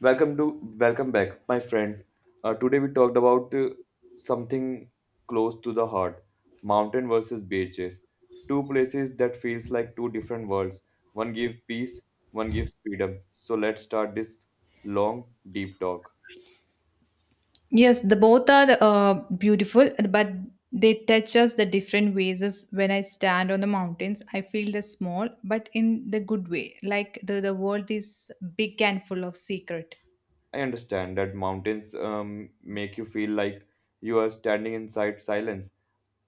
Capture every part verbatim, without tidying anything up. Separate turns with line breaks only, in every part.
Welcome to welcome back, my friend. Uh, today we talked about uh, something close to the heart: mountain versus beaches. Two places that feels like two different worlds. One gives peace, one gives freedom. So let's start this long, deep talk.
Yes, the both are uh, beautiful, but they touch us the different ways. As when I stand on the mountains, I feel the small, but in the good way. Like the, the world is big and full of secret.
I understand that mountains um, make you feel like you are standing inside silence,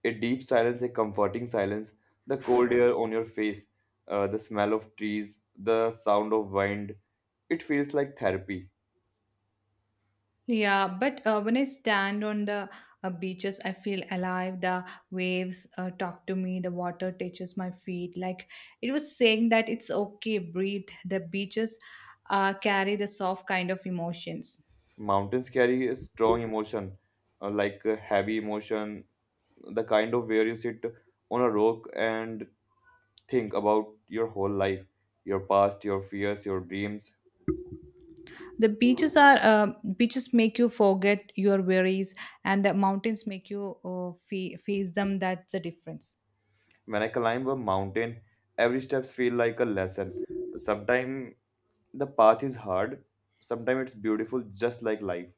a deep silence, a comforting silence, the cold air on your face, uh, the smell of trees, the sound of wind. It feels like therapy.
Yeah, but uh, when I stand on the uh, beaches, I feel alive. The waves uh, talk to me. The water touches my feet. Like it was saying that it's okay, breathe. The beaches uh, carry the soft kind of emotions.
Mountains carry a strong emotion, uh, like a heavy emotion, the kind of where you sit on a rock and think about your whole life, your past, your fears, your dreams.
The beaches are uh, beaches make you forget your worries, and the mountains make you uh, fa- face them. That's the difference.
When I climb a mountain, every steps feel like a lesson. Sometimes the path is hard, sometimes it's beautiful just like life.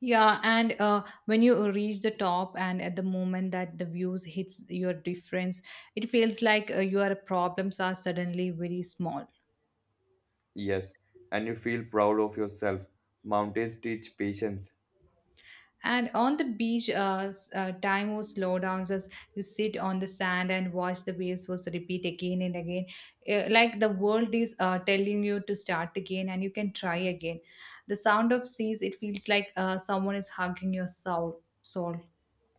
Yeah, and uh, when you reach the top, and at the moment that the views hits your difference, it feels like uh, your problems are suddenly very small.
Yes, and you feel proud of yourself. Mountains teach patience.
And on the beach, uh, s- uh, time was slow down as you sit on the sand and watch the waves was repeat again and again. Uh, like the world is uh, telling you to start again and you can try again. The sound of seas, it feels like uh, someone is hugging your soul. soul.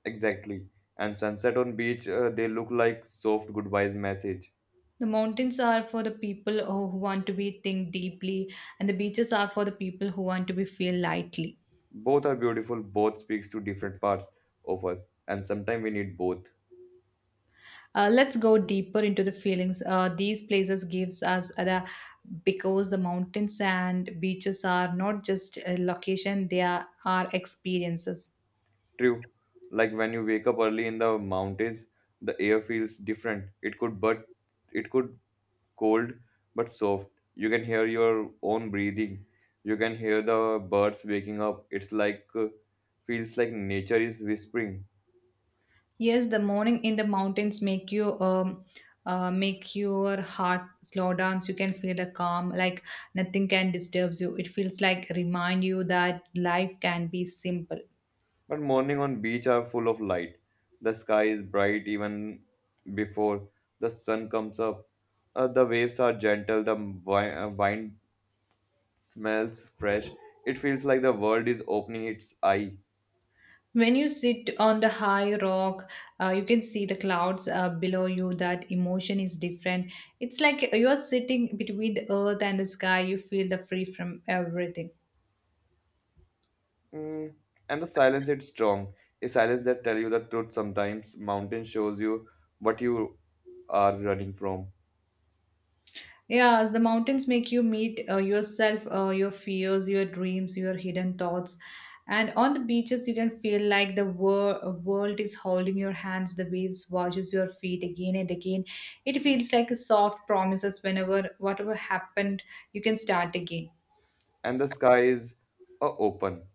Exactly. And sunset on beach, uh, they look like soft goodbyes message.
The mountains are for the people who who want to be think deeply, and the beaches are for the people who want to be feel lightly.
Both are beautiful, both speaks to different parts of us, and sometimes we need both.
Uh, let's go deeper into the feelings uh, these places gives us uh, the because the mountains and beaches are not just a location they are, are experiences.
True. Like when you wake up early in the mountains, the air feels different. It could but it could cold but soft. You can hear your own breathing. You can hear the birds waking up. It's like uh, feels like nature is whispering.
Yes, the morning in the mountains make you um, uh, make your heart slow down so you can feel the calm like nothing can disturb you. It feels like remind you that life can be simple.
But morning on beach are full of light. The sky is bright even before the sun comes up. Uh, the waves are gentle. The wi- uh, wind smells fresh. It feels like the world is opening its eye.
When you sit on the high rock, uh, you can see the clouds uh, below you. That emotion is different. It's like you're sitting between the earth and the sky. You feel the free from everything.
Mm, and the silence, it's strong. A silence that tell you the truth sometimes. Mountain shows you what you are running from.
Yeah, as the mountains make you meet uh, yourself, uh, your fears, your dreams, your hidden thoughts. And on the beaches, you can feel like the wor- world is holding your hands. The waves washes your feet again and again. It feels like a soft promises. Whenever whatever happened, you can start again.
And the sky is uh, open.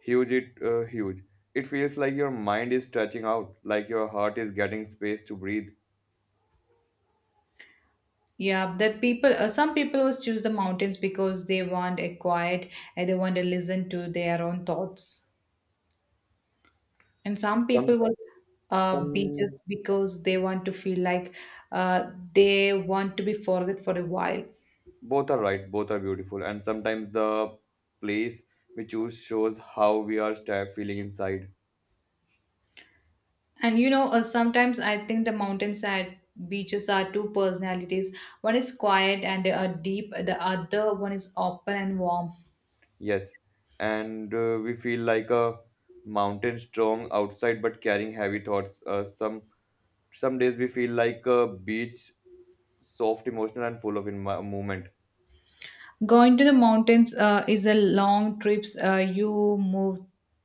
Huge it uh, huge. It feels like your mind is stretching out, like your heart is getting space to breathe.
Yeah, that people, uh, some people always choose the mountains because they want a quiet and they want to listen to their own thoughts. And some
Some
people was uh,
some
beaches because they want to feel like uh, they want to be forget for a while.
both are right, both are beautiful. And sometimes the place we choose shows how we are sta- feeling inside.
And you know, uh, sometimes I think the mountainside beaches are two personalities. One is quiet and uh, deep, the other one is open and warm.
Yes, and uh, we feel like a mountain strong outside but carrying heavy thoughts. Uh, some some days we feel like a beach, soft, emotional, and full of in movement.
Going to the mountains uh, is a long trips. Uh, you move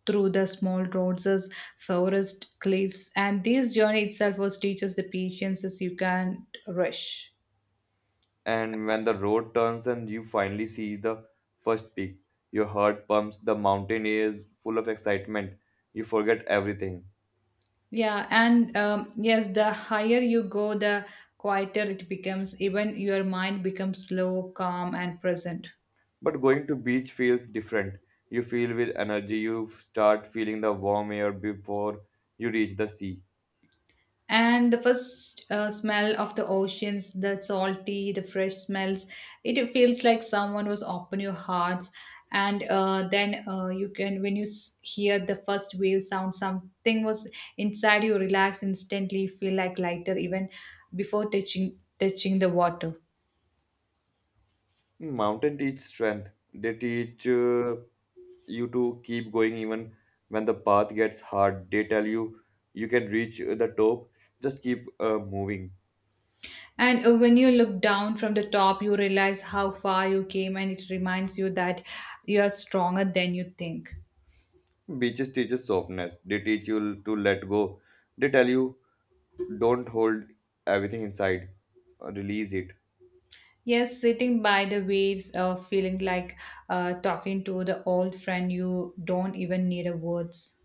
through the small roads, as forest, cliffs, and this journey itself was teaches the patience as you can't rush.
And when the road turns and you finally see the first peak, your heart pumps. The mountain is full of excitement. You forget everything.
Yeah, and um, yes, the higher you go, the quieter it becomes. Even your mind becomes slow, calm, and present.
But going to beach feels different. You feel with energy. You start feeling the warm air before you reach the sea.
And the first uh, smell of the oceans, the salty, the fresh smells, it feels like someone was open your hearts. And uh, then uh, you can, when you s- hear the first wave sound, something was inside you relax instantly, you feel like lighter even before touching touching the water.
Mountain teach strength. They teach uh, you to keep going even when the path gets hard. They tell you you can reach uh, the top. Just keep uh, moving.
And uh, when you look down from the top, you realize how far you came, and it reminds you that you are stronger than you think.
Beaches teaches softness. They teach you to let go. They tell you don't hold everything inside. Uh, Release it.
Yes, sitting by the waves, uh, feeling like uh, talking to the old friend you don't even need a words.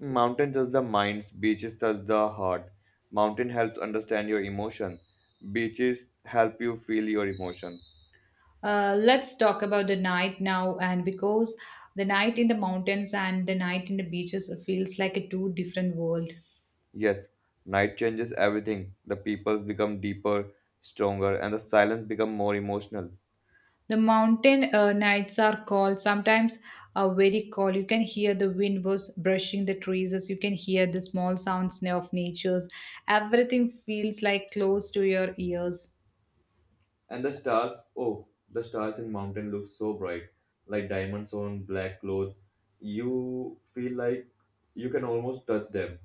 Mountain touch the minds. Beaches touch the heart. Mountain helps understand your emotion. Beaches help you feel your emotion.
Uh, let's talk about the night now, and because the night in the mountains and the night in the beaches feels like a two different world.
Yes, night changes everything. The peoples become deeper, stronger, and the silence become more emotional.
The mountain uh, nights are cold, sometimes are very cold. You can hear the wind was brushing the trees, as you can hear the small sounds of nature's. Everything feels like close to your ears.
And the stars, oh, the stars in mountain look so bright, like diamonds on black cloth. You feel like you can almost touch them.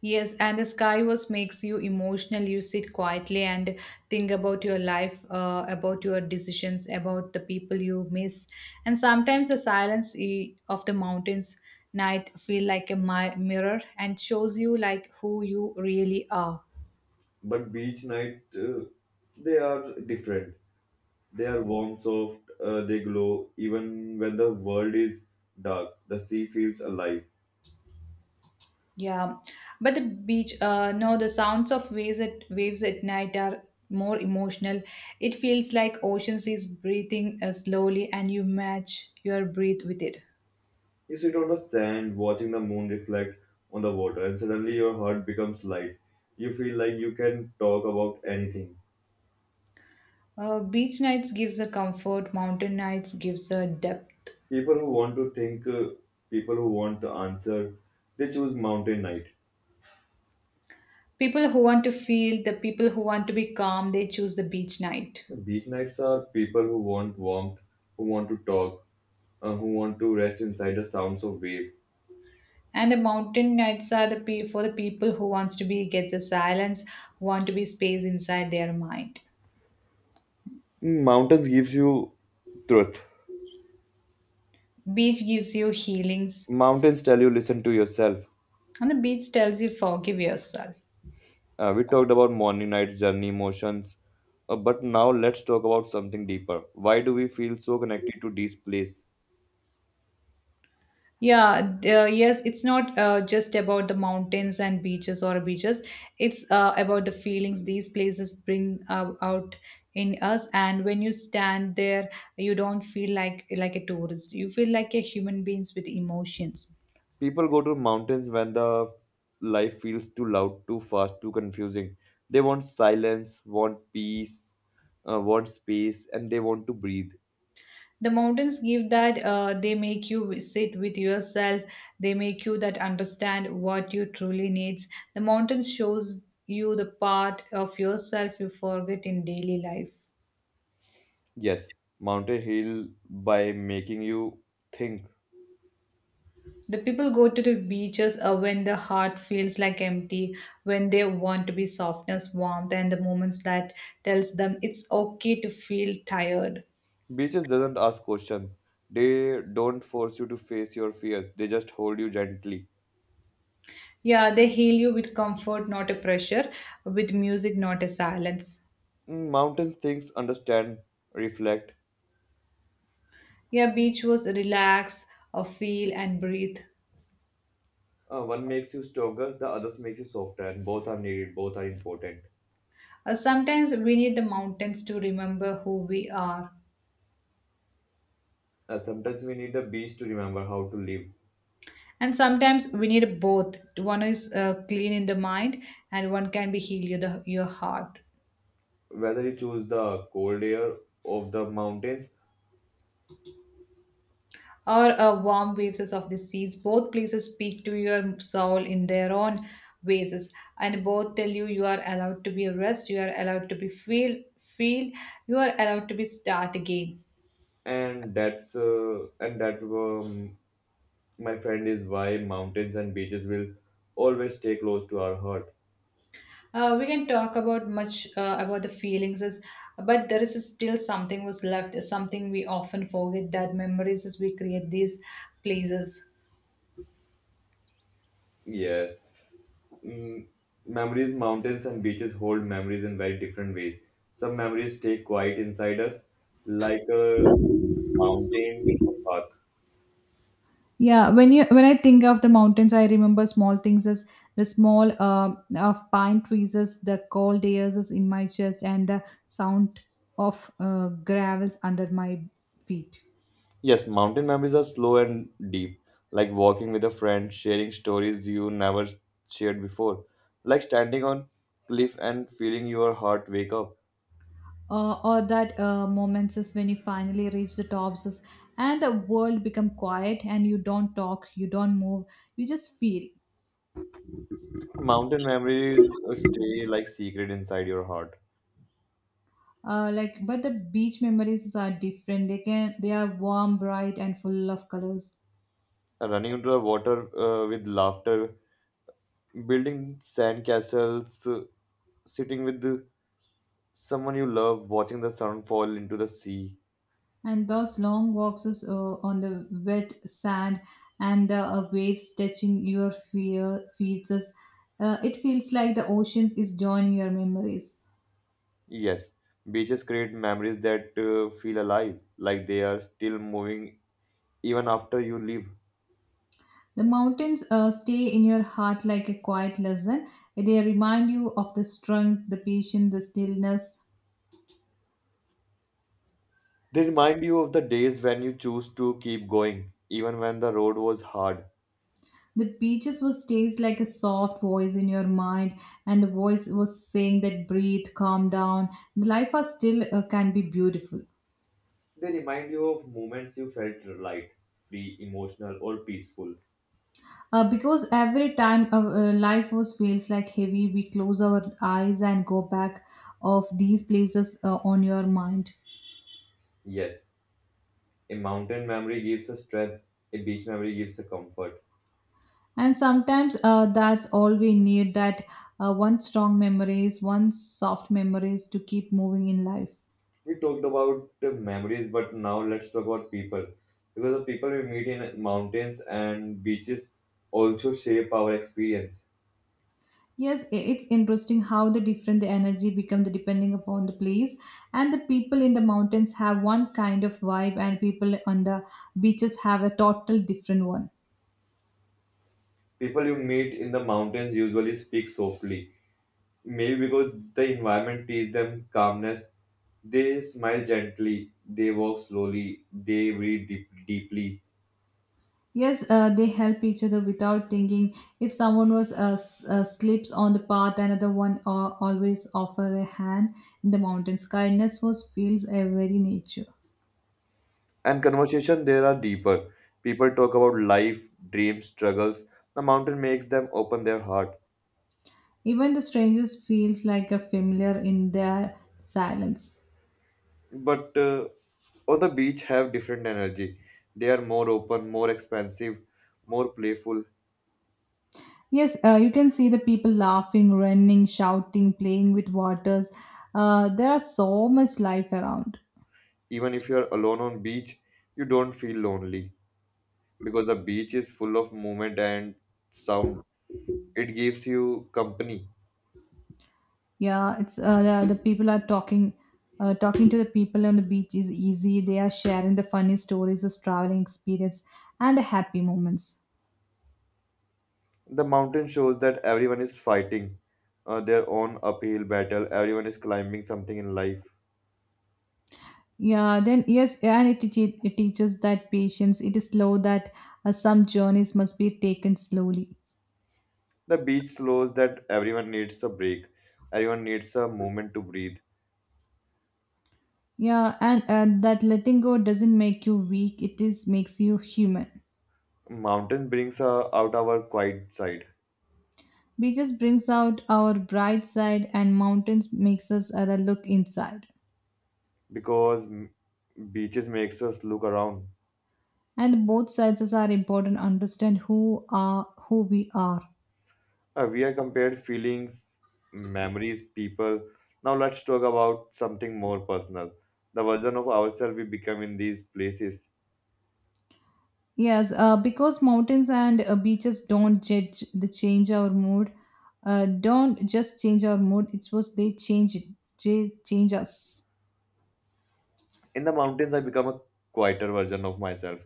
Yes, and the sky was makes you emotional. You sit quietly and think about your life, uh, about your decisions, about the people you miss. And sometimes the silence eh, of the mountains night feel like a mi- mirror and shows you like who you really are.
But beach night, uh, they are different. They are warm, soft. Uh, they glow even when the world is dark. The sea feels alive.
Yeah, but the beach, uh, no, the sounds of waves at waves at night are more emotional. It feels like oceans is breathing uh, slowly, and you match your breath with it.
You sit on the sand, watching the moon reflect on the water, and suddenly your heart becomes light. You feel like you can talk about anything.
Uh, beach nights gives a comfort, mountain nights gives a depth.
People who want to think, uh, people who want the answer, they choose mountain night.
People who want to feel, the people who want to be calm, they choose the beach night.
Beach nights are people who want warmth, who want to talk, uh, who want to rest inside the sounds of wave.
And the mountain nights are the pe- for the people who wants to be get the silence, who want to be space inside their mind.
Mountains gives you truth.
Beach gives you healings,
Mountains tell you listen to yourself.
and the beach tells you forgive yourself.
Uh, we talked about morning, night, journey, emotions, uh, but now let's talk about something deeper. Why do we feel so connected to this place?
Yeah, d- uh, yes, it's not uh, just about the mountains and beaches or beaches. It's uh, about the feelings these places bring uh, out in us. And when you stand there, you don't feel like like a tourist. You feel like a human beings with emotions.
People go to mountains when the life feels too loud, too fast, too confusing. They want silence, want peace, uh, want space, and they want to breathe.
The mountains give that. Uh, they make you sit with yourself. They make you that understand what you truly needs. The mountains shows you the part of yourself you forget in daily life.
Yes, mountain heal by making you think.
The people go to the beaches uh, when the heart feels like empty, when they want to be softness, warmth, and the moments that tells them it's okay to feel tired.
Beaches doesn't ask questions. They don't force you to face your fears. They just hold you gently.
Yeah, they heal you with comfort, not a pressure, with music, not a silence.
Mm. Mountain things understand, reflect.
Yeah, beach was relax, uh, feel and breathe.
Uh, one makes you stronger, the others makes you softer, and both are needed, both are important.
Uh, sometimes we need the mountains to remember who we are.
Uh, sometimes we need the beach to remember how to live.
And sometimes we need both. One is uh, clean in the mind, and one can be heal you the, your heart.
Whether you choose the cold air of the mountains,
Or a warm waves of the seas. Both places speak to your soul in their own ways, and both tell you you are allowed to be rest, you are allowed to be feel, feel, you are allowed to be start again.
and that's uh, and that um, my friend, is why mountains and beaches will always stay close to our heart.
Uh, we can talk about much uh, about the feelings, is- but there is still something was left, something we often forget that memories as we create these places.
Yes, mm, memories, mountains and beaches hold memories in very different ways. Some memories stay quiet inside us, like, Uh, mountain path.
Yeah, when you when I think of the mountains, I remember small things as the small um of pine trees, as the cold airs is in my chest, and the sound of uh, gravels under my feet.
Yes, mountain memories are slow and deep, like walking with a friend, sharing stories you never shared before, like standing on cliff and feeling your heart wake up.
Uh, or that uh, moments is when you finally reach the tops is, and the world become quiet and you don't talk, you don't move, you just feel.
Mountain memories stay like secret inside your heart.
Uh, like but the beach memories are different. They can they are warm, bright, and full of colors.
Running into the water uh, with laughter, building sand castles, uh, sitting with the- someone you love, watching the sun fall into the sea.
And those long walks is, uh, on the wet sand and the uh, waves touching your fear, feet, is, uh, it feels like the oceans is joining your memories.
Yes, beaches create memories that uh, feel alive, like they are still moving even after you leave.
The mountains uh, stay in your heart like a quiet lesson. They remind you of the strength, the patience, the stillness.
They remind you of the days when you choose to keep going, even when the road was hard.
The beaches was stays like a soft voice in your mind, and the voice was saying that breathe, calm down. Life are still uh, can be beautiful.
They remind you of moments you felt light, free, emotional, or peaceful.
Uh, because every time uh, uh, life was feels like heavy, we close our eyes and go back of these places uh, on your mind.
Yes, a mountain memory gives a strength, a beach memory gives a comfort.
And sometimes uh, that's all we need that uh, one strong memories, one soft memories to keep moving in life.
We talked about the memories, but now let's talk about people. Because the people we meet in mountains and beaches also shape our experience.
Yes, i- it's interesting how the different the energy become the depending upon the place. And the people in the mountains have one kind of vibe, and people on the beaches have a total different one.
People you meet in the mountains usually speak softly, maybe because the environment teaches them calmness. They smile gently, they walk slowly, they breathe deep, deeply.
Yes, uh, they help each other without thinking. If someone was uh, s- uh, slips on the path, another one uh, always offer a hand in the mountains. Kindness was feels a very nature.
And conversation there are deeper. People talk about life, dreams, struggles. The mountain makes them open their heart.
Even the strangers feels like a familiar in their silence.
But uh, on the beach have different energy. They are more open, more expansive, more playful.
Yes, uh, you can see the people laughing, running, shouting, playing with waters. Uh, there are so much life around.
Even if you are alone on beach, you don't feel lonely. Because the beach is full of movement and sound. It gives you company.
Yeah, it's uh, the, the people are talking, uh, talking to the people on the beach is easy. They are sharing the funny stories, the traveling experience, and the happy moments.
The mountain shows that everyone is fighting uh, their own uphill battle, everyone is climbing something in life.
Yeah, then yes, and it, teach, it teaches that patience. It is slow that uh, some journeys must be taken slowly.
The beach slows that everyone needs a break, everyone needs a moment to breathe.
Yeah, and uh, that letting go doesn't make you weak. It is makes you human.
Mountain brings uh, out our quiet side,
Beaches brings out our bright side, and mountains makes us uh, look inside.
because m- beaches makes us look around.
And both sides are important to understand who are who we are.
Uh, we have compared feelings, memories, people. Now let's talk about something more personal. The version of ourselves we become in these places.
Yes, uh, because mountains and uh, beaches don't judge the change our mood, uh, don't just change our mood it's was they change it they change us.
In the mountains, I become a quieter version of myself.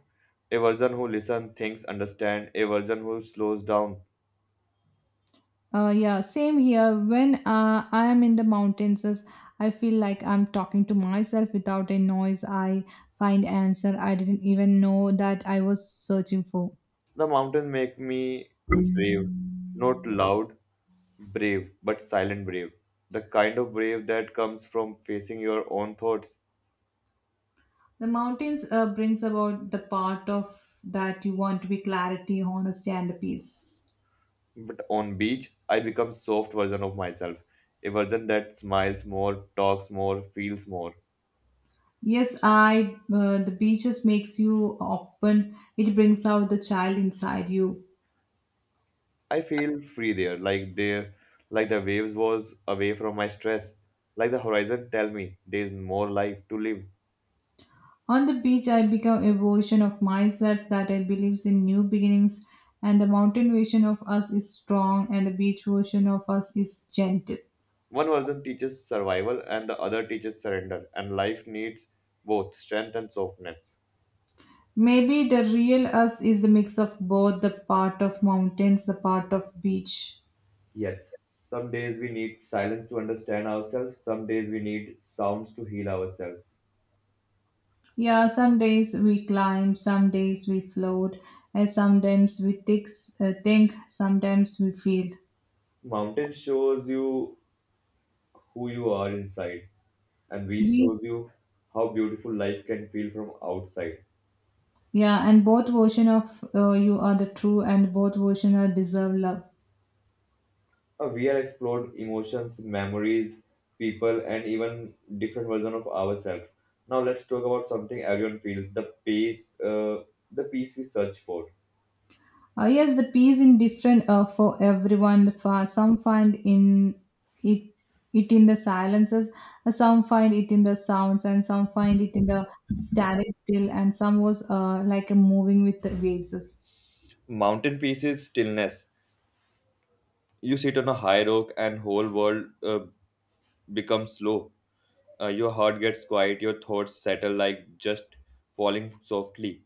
A version who listens, thinks, understands. A version who slows down.
Uh, yeah same here when uh, I am in the mountains as I feel like I'm talking to myself without a noise. I find answer I didn't even know that I was searching for.
The mountains make me brave. Not loud, brave, but silent brave. The kind of brave that comes from facing your own thoughts.
The mountains uh, brings about the part of that you want to be clarity, honesty, and the peace.
But on beach, I become soft version of myself, a version that smiles more, talks more, feels more.
Yes, I uh, the beaches makes you open. It brings out the child inside you.
I feel free there, like there, like the waves was away from my stress, like the horizon tell me there is more life to live.
On the beach, I become a version of myself that I believes in new beginnings, and the mountain version of us is strong, and the beach version of us is gentle.
One version teaches survival, and the other teaches surrender, and life needs both strength and softness.
Maybe the real us is a mix of both the part of mountains, the part of beach.
Yes, some days we need silence to understand ourselves, some days we need sounds to heal ourselves.
Yeah, some days we climb, some days we float, and sometimes we think, uh, think sometimes we feel.
Mountain shows you who you are inside, and we
We,
shows you how beautiful life can feel from outside.
yeah, and both version of uh, you are the true, and both version are deserve love.
Uh, we have explored emotions, memories, people, and even different version of ourselves. Now let's talk about something everyone feels: the peace, uh, the peace we search for.
Uh, yes, the peace in different uh, for everyone. For some find in it it in the silences, uh, some find it in the sounds, and some find it in the static still, and some was uh, like a moving with the waves.
Mountain peace is stillness. You sit on a high rock, and whole world uh, becomes slow. Uh, your heart gets quiet. Your thoughts settle like just falling softly.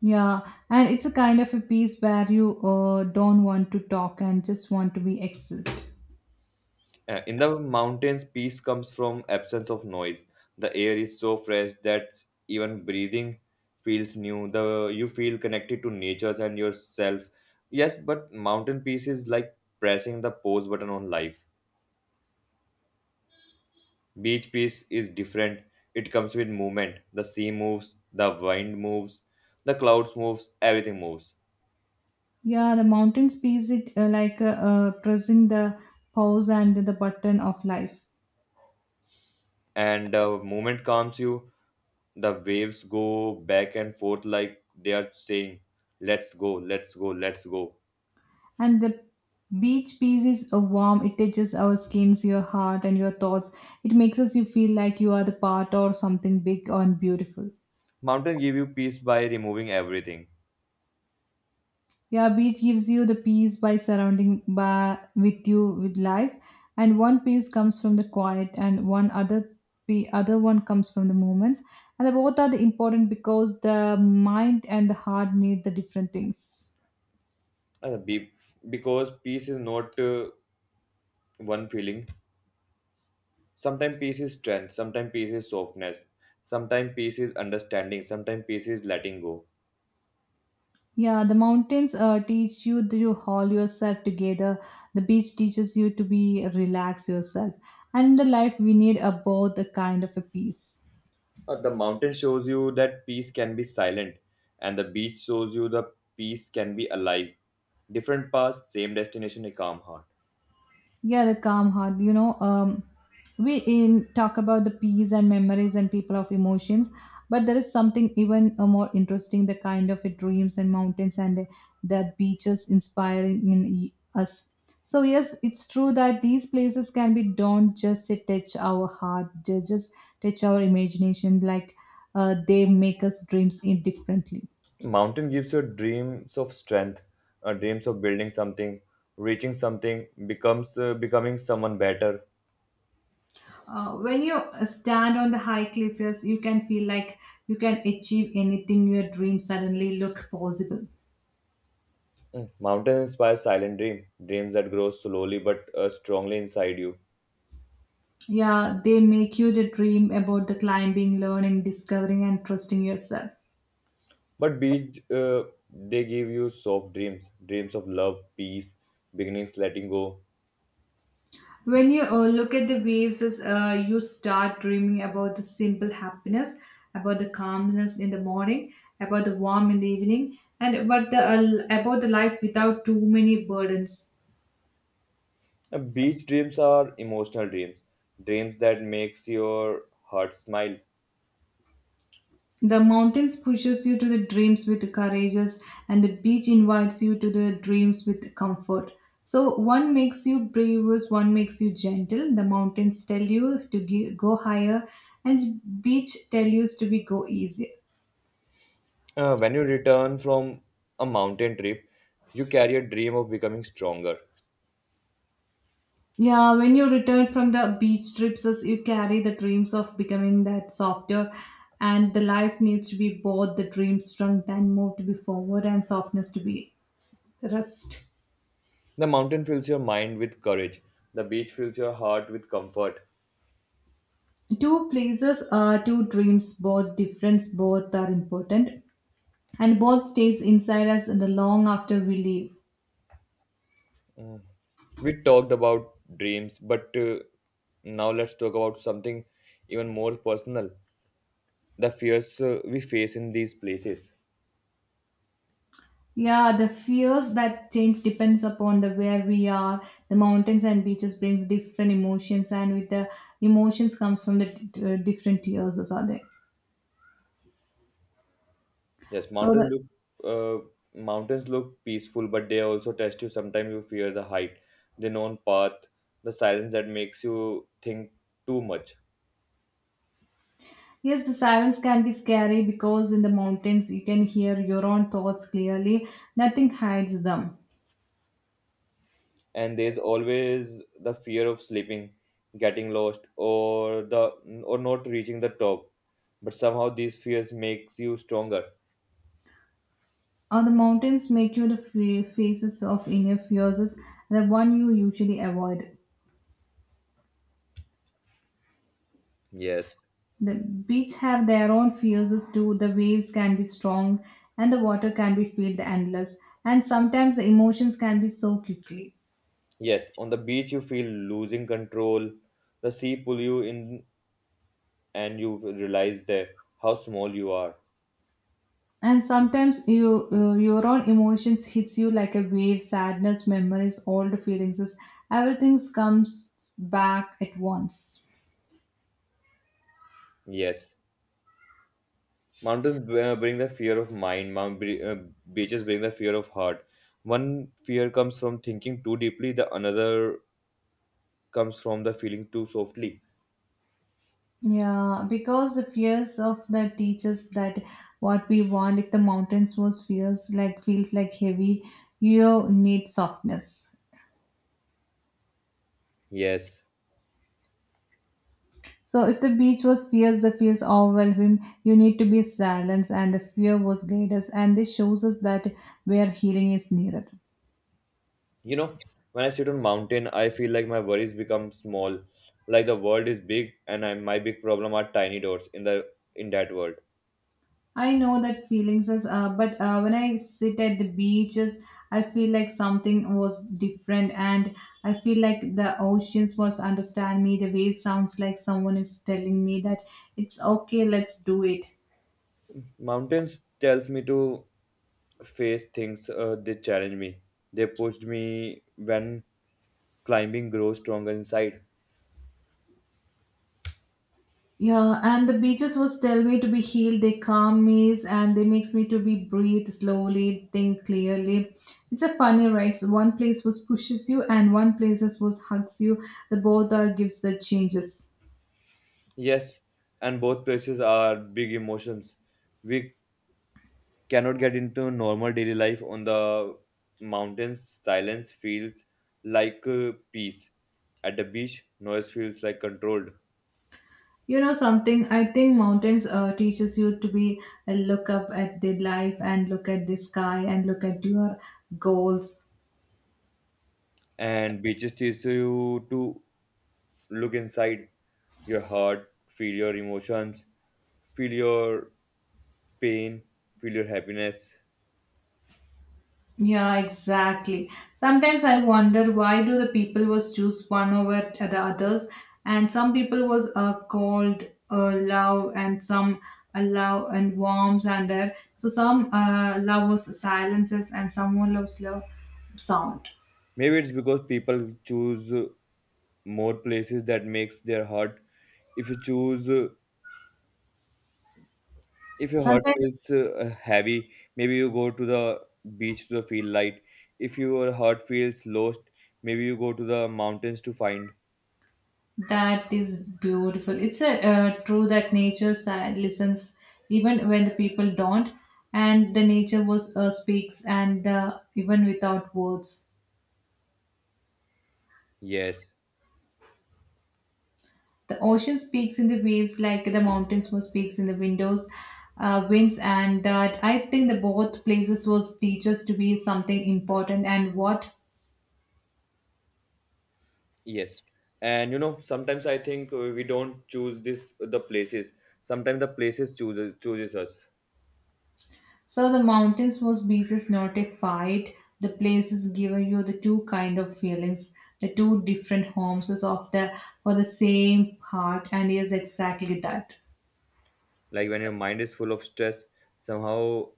Yeah, and it's a kind of a piece where you uh, don't want to talk and just want to be excelled.
Uh, in the mountains, peace comes from absence of noise. The air is so fresh that even breathing feels new. The you feel connected to nature and yourself. Yes, but mountain peace is like pressing the pause button on life. Beach peace is different. It comes with movement. The sea moves, the wind moves, the clouds moves, everything moves.
Yeah, the mountains piece it uh, like uh, uh, pressing the pause and the button of life.
And the moment calms you, the waves go back and forth like they are saying, "Let's go, let's go, let's go."
And the beach piece is a warm, it touches our skins, your heart, and your thoughts. It makes us you feel like you are the part or something big and beautiful.
Mountain give you peace by removing everything.
Yeah, beach gives you the peace by surrounding by with you with life, and one peace comes from the quiet, and one other pe- other one comes from the moments, and the both are the important because the mind and the heart need the different things.
Uh, be- because peace is not uh, one feeling. Sometimes peace is strength, sometimes peace is softness, sometimes peace is understanding, sometimes peace is letting go.
Yeah, the mountains uh, teach you to haul yourself together. The beach teaches you to be relax yourself, and in the life we need a both a kind of a peace.
Uh, the mountain shows you that peace can be silent, and the beach shows you the peace can be alive. Different paths, same destination, a calm heart.
Yeah, the calm heart. You know, um, we in talk about the peace and memories and people of emotions, but there is something even uh, more interesting. The kind of it, dreams and mountains and the the beaches inspiring in y- us. So yes, it's true that these places can be don't just touch our heart, they just touch our imagination. Like uh, they make us dreams in differently.
Mountain gives you dreams of strength, uh, dreams of building something, reaching something, becomes uh, becoming someone better.
Uh, when you uh, stand on the high cliff, yes, you can feel like you can achieve anything your dreams suddenly look possible.
Mm. Mountains inspire silent dream, dreams that grow slowly but uh, strongly inside you.
Yeah, they make you the dream about the climbing, learning, discovering, and trusting yourself.
But beach, uh, they give you soft dreams, dreams of love, peace, beginnings, letting go.
When you uh, look at the waves, as uh, you start dreaming about the simple happiness, about the calmness in the morning, about the warm in the evening, and about the uh, about the life without too many burdens.
Uh, beach dreams are emotional dreams, dreams that makes your heart smile.
The mountains pushes you to the dreams with courageous and the beach invites you to the dreams with comfort. So one makes you brave, bravest, one makes you gentle. The mountains tell you to gi- go higher and beach tell you to be go easier.
Uh, when you return from a mountain trip, you carry a dream of becoming stronger.
Yeah, when you return from the beach trips, as you carry the dreams of becoming that softer and the life needs to be both the dreams strength and move to be forward and softness to be s- rest.
The mountain fills your mind with courage. The beach fills your heart with comfort.
Two places uh, two dreams both difference both are important and both stays inside us in the long after we leave.
Hmm. We talked about dreams, but uh, now let's talk about something even more personal: the fears uh, we face in these places.
Yeah, the fears that change depends upon the where we are. The mountains and beaches brings different emotions and with the emotions comes from the d- uh, different tears or something.
Yes,
So
mountains
the
look uh, mountains look peaceful, but they also test you. Sometimes you fear the height, the known path, the silence that makes you think too much.
Yes, the silence can be scary because in the mountains you can hear your own thoughts clearly, nothing hides them.
And there's always the fear of sleeping, getting lost, or the or not reaching the top. But somehow these fears makes you stronger.
Or the mountains make you the fa- faces of inner fears, the one you usually avoid.
Yes.
The beach have their own fears too. The waves can be strong, and the water can be filled endless. And sometimes the emotions can be so quickly.
Yes, on the beach you feel losing control. The sea pull you in and you realize that how small you are.
And sometimes you, uh, your own emotions hits you like a wave. Sadness, memories, old feelings, everything comes back at once.
Yes. Mountains b- uh, bring the fear of mind. Mount bri- uh, beaches bring the fear of heart. One fear comes from thinking too deeply, the another comes from the feeling too softly.
Yeah, because the fears of the teachers that what we want, if the mountains was fears like feels like heavy, you need softness.
Yes.
So if the beach was fears, the fears overwhelm him, you need to be silence and the fear was greatest and this shows us that where healing is nearer.
You know, when I sit on mountain, I feel like my worries become small, like the world is big and I, my big problem are tiny dots in the in that world.
I know that feelings was, uh, but uh, when I sit at the beaches, I feel like something was different, and I feel like the oceans was understand me. The waves sounds like someone is telling me that it's okay. Let's do it.
Mountains tells me to face things, uh, they challenge me, they pushed me when climbing grows stronger inside.
Yeah, and the beaches was tell me to be healed. They calm me and they makes me to be breathe slowly, think clearly. It's a funny, right? So one place was pushes you, and one places was hugs you. The both are gives the changes.
Yes, and both places are big emotions we cannot get into normal daily life. On the mountains silence feels like uh, peace. At the beach noise feels like controlled.
You know something, I think mountains uh, teaches you to be uh, look up at the life and look at the sky and look at your goals.
And beaches teach you to look inside your heart, feel your emotions, feel your pain, feel your happiness.
Yeah, exactly. Sometimes I wonder why do the people was choose one over the others, and some people was uh, cold, uh, love, and some uh, love and warmth and there. So some uh, love was silences, and someone loves love sound.
Maybe it's because people choose uh, more places that makes their heart. If you choose, uh, if your heart
Sometimes
feels uh, heavy, maybe you go to the beach to feel light. If your heart feels lost, maybe you go to the mountains to find.
That is beautiful. It's a uh, true that nature si- listens even when the people don't, and the nature was uh, speaks and uh, even without words.
Yes,
The ocean speaks in the waves like the mountains was speaks in the windows, uh, winds, and that I think the both places was teachers to be something important and what.
yes. And you know, sometimes I think uh, we don't choose this the places. Sometimes the places chooses chooses us.
So the mountains was beaches, not a fight. The places give you the two kind of feelings, the two different homes is of the for the same heart, and is exactly that.
Like when your mind is full of stress, somehow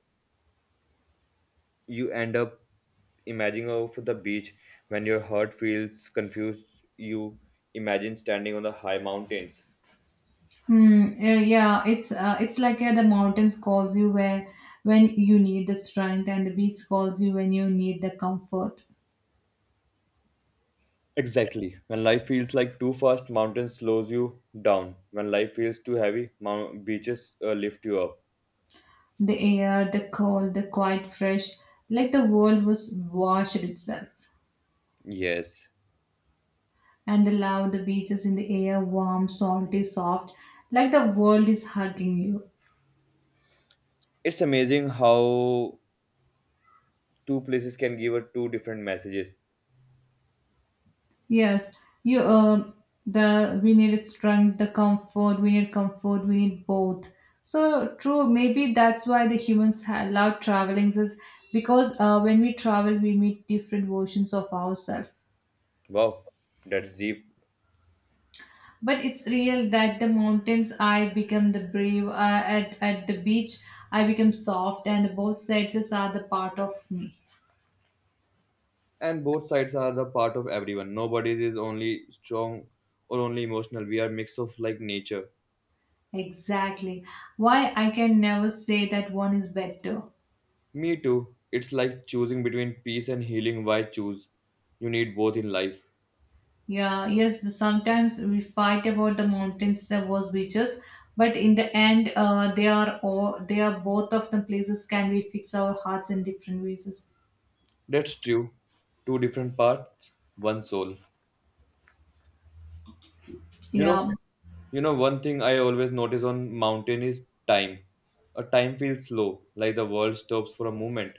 you end up imagining of the beach. When your heart feels confused, you imagine standing on the high mountains.
Hmm. Eh, yeah, it's uh, it's like uh, the mountains calls you where when you need the strength, and the beach calls you when you need the comfort.
Exactly, when life feels like too fast mountains slows you down. When life feels too heavy, mount- beaches uh, lift you up.
The air, the cold, the quiet, fresh, like the world was washed itself.
Yes,
And the love, the beaches in the air, warm, salty, soft, like the world is hugging you.
it's amazing how two places can give us two different messages.
Yes, you. Um, the we need strength, the comfort. We need comfort. We need both. So true. Maybe that's why the humans ha- love traveling is because uh, when we travel, we meet different versions of ourselves.
Wow, that's deep.
But it's real that the mountains, I become the brave. Uh, at at the beach, I become soft, and both sides are the part of me.
And both sides are the part of everyone. Nobody is only strong or only emotional. We are mix of like nature.
Exactly. Why I can never say that one is better.
Me too. It's like choosing between peace and healing. Why choose? You need both in life.
Yeah, yes, the, sometimes we fight about the mountains that was beaches, but in the end, uh, they are all they are both of the places can we fix our hearts in different ways.
That's true. Two different parts, one soul. You know,
Yeah,
you know one thing I always notice on mountain is time. A time feels slow, like the world stops for a moment.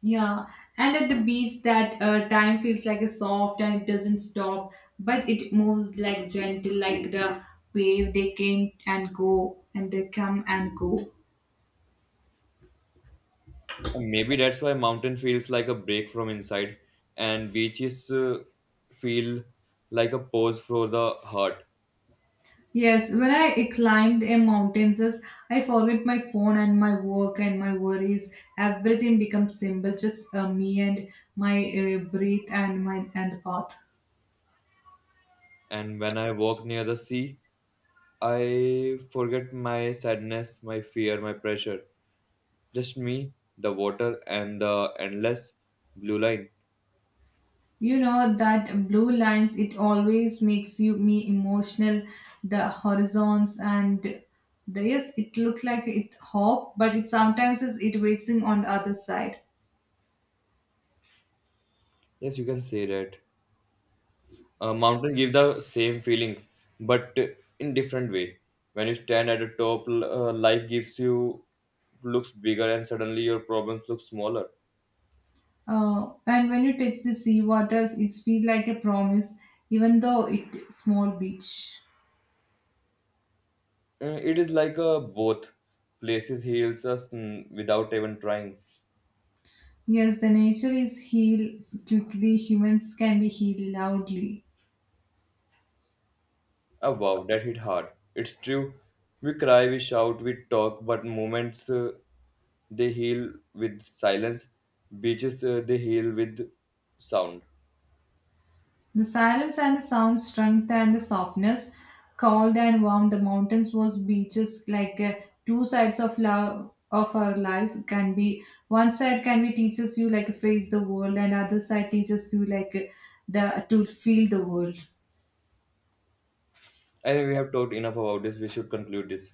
yeah. And at the beach, that uh, time feels like a soft and it doesn't stop, but it moves like gentle, like the wave they came and go and they come and go.
And maybe that's why mountain feels like a break from inside, and beaches uh, feel like a pause for the heart.
Yes, when I climbed a mountain, sis, I forget my phone and my work and my worries. Everything becomes simple, just uh, me and my uh, breath and my and the path.
And when I walk near the sea, I forget my sadness, my fear, my pressure. Just me, the water, and the endless blue line.
You know that blue lines. It always makes you me emotional. The horizons and the yes, it looks like it hope, but it sometimes is it waiting on the other side.
Yes, you can say that. A mountain gives the same feelings, but in different way. When you stand at the top, l- uh, life gives you looks bigger, and suddenly your problems look smaller.
Uh, and when you touch the sea waters, it feel like a promise, even though it small beach.
Uh, It is like a both places heals us mm, without even trying.
Yes, the nature is healed quickly, humans can be healed loudly.
Oh wow, that hit hard. It's true. We cry, we shout, we talk, but moments uh, they heal with silence. Beaches uh, they heal with sound.
The silence and the sound, strength and the softness, cold and warm, the mountains was beaches like uh, two sides of love of our life can be one side can be teaches you like face the world and other side teaches you like uh, the to feel the world.
I think we have talked enough about this. We should conclude this.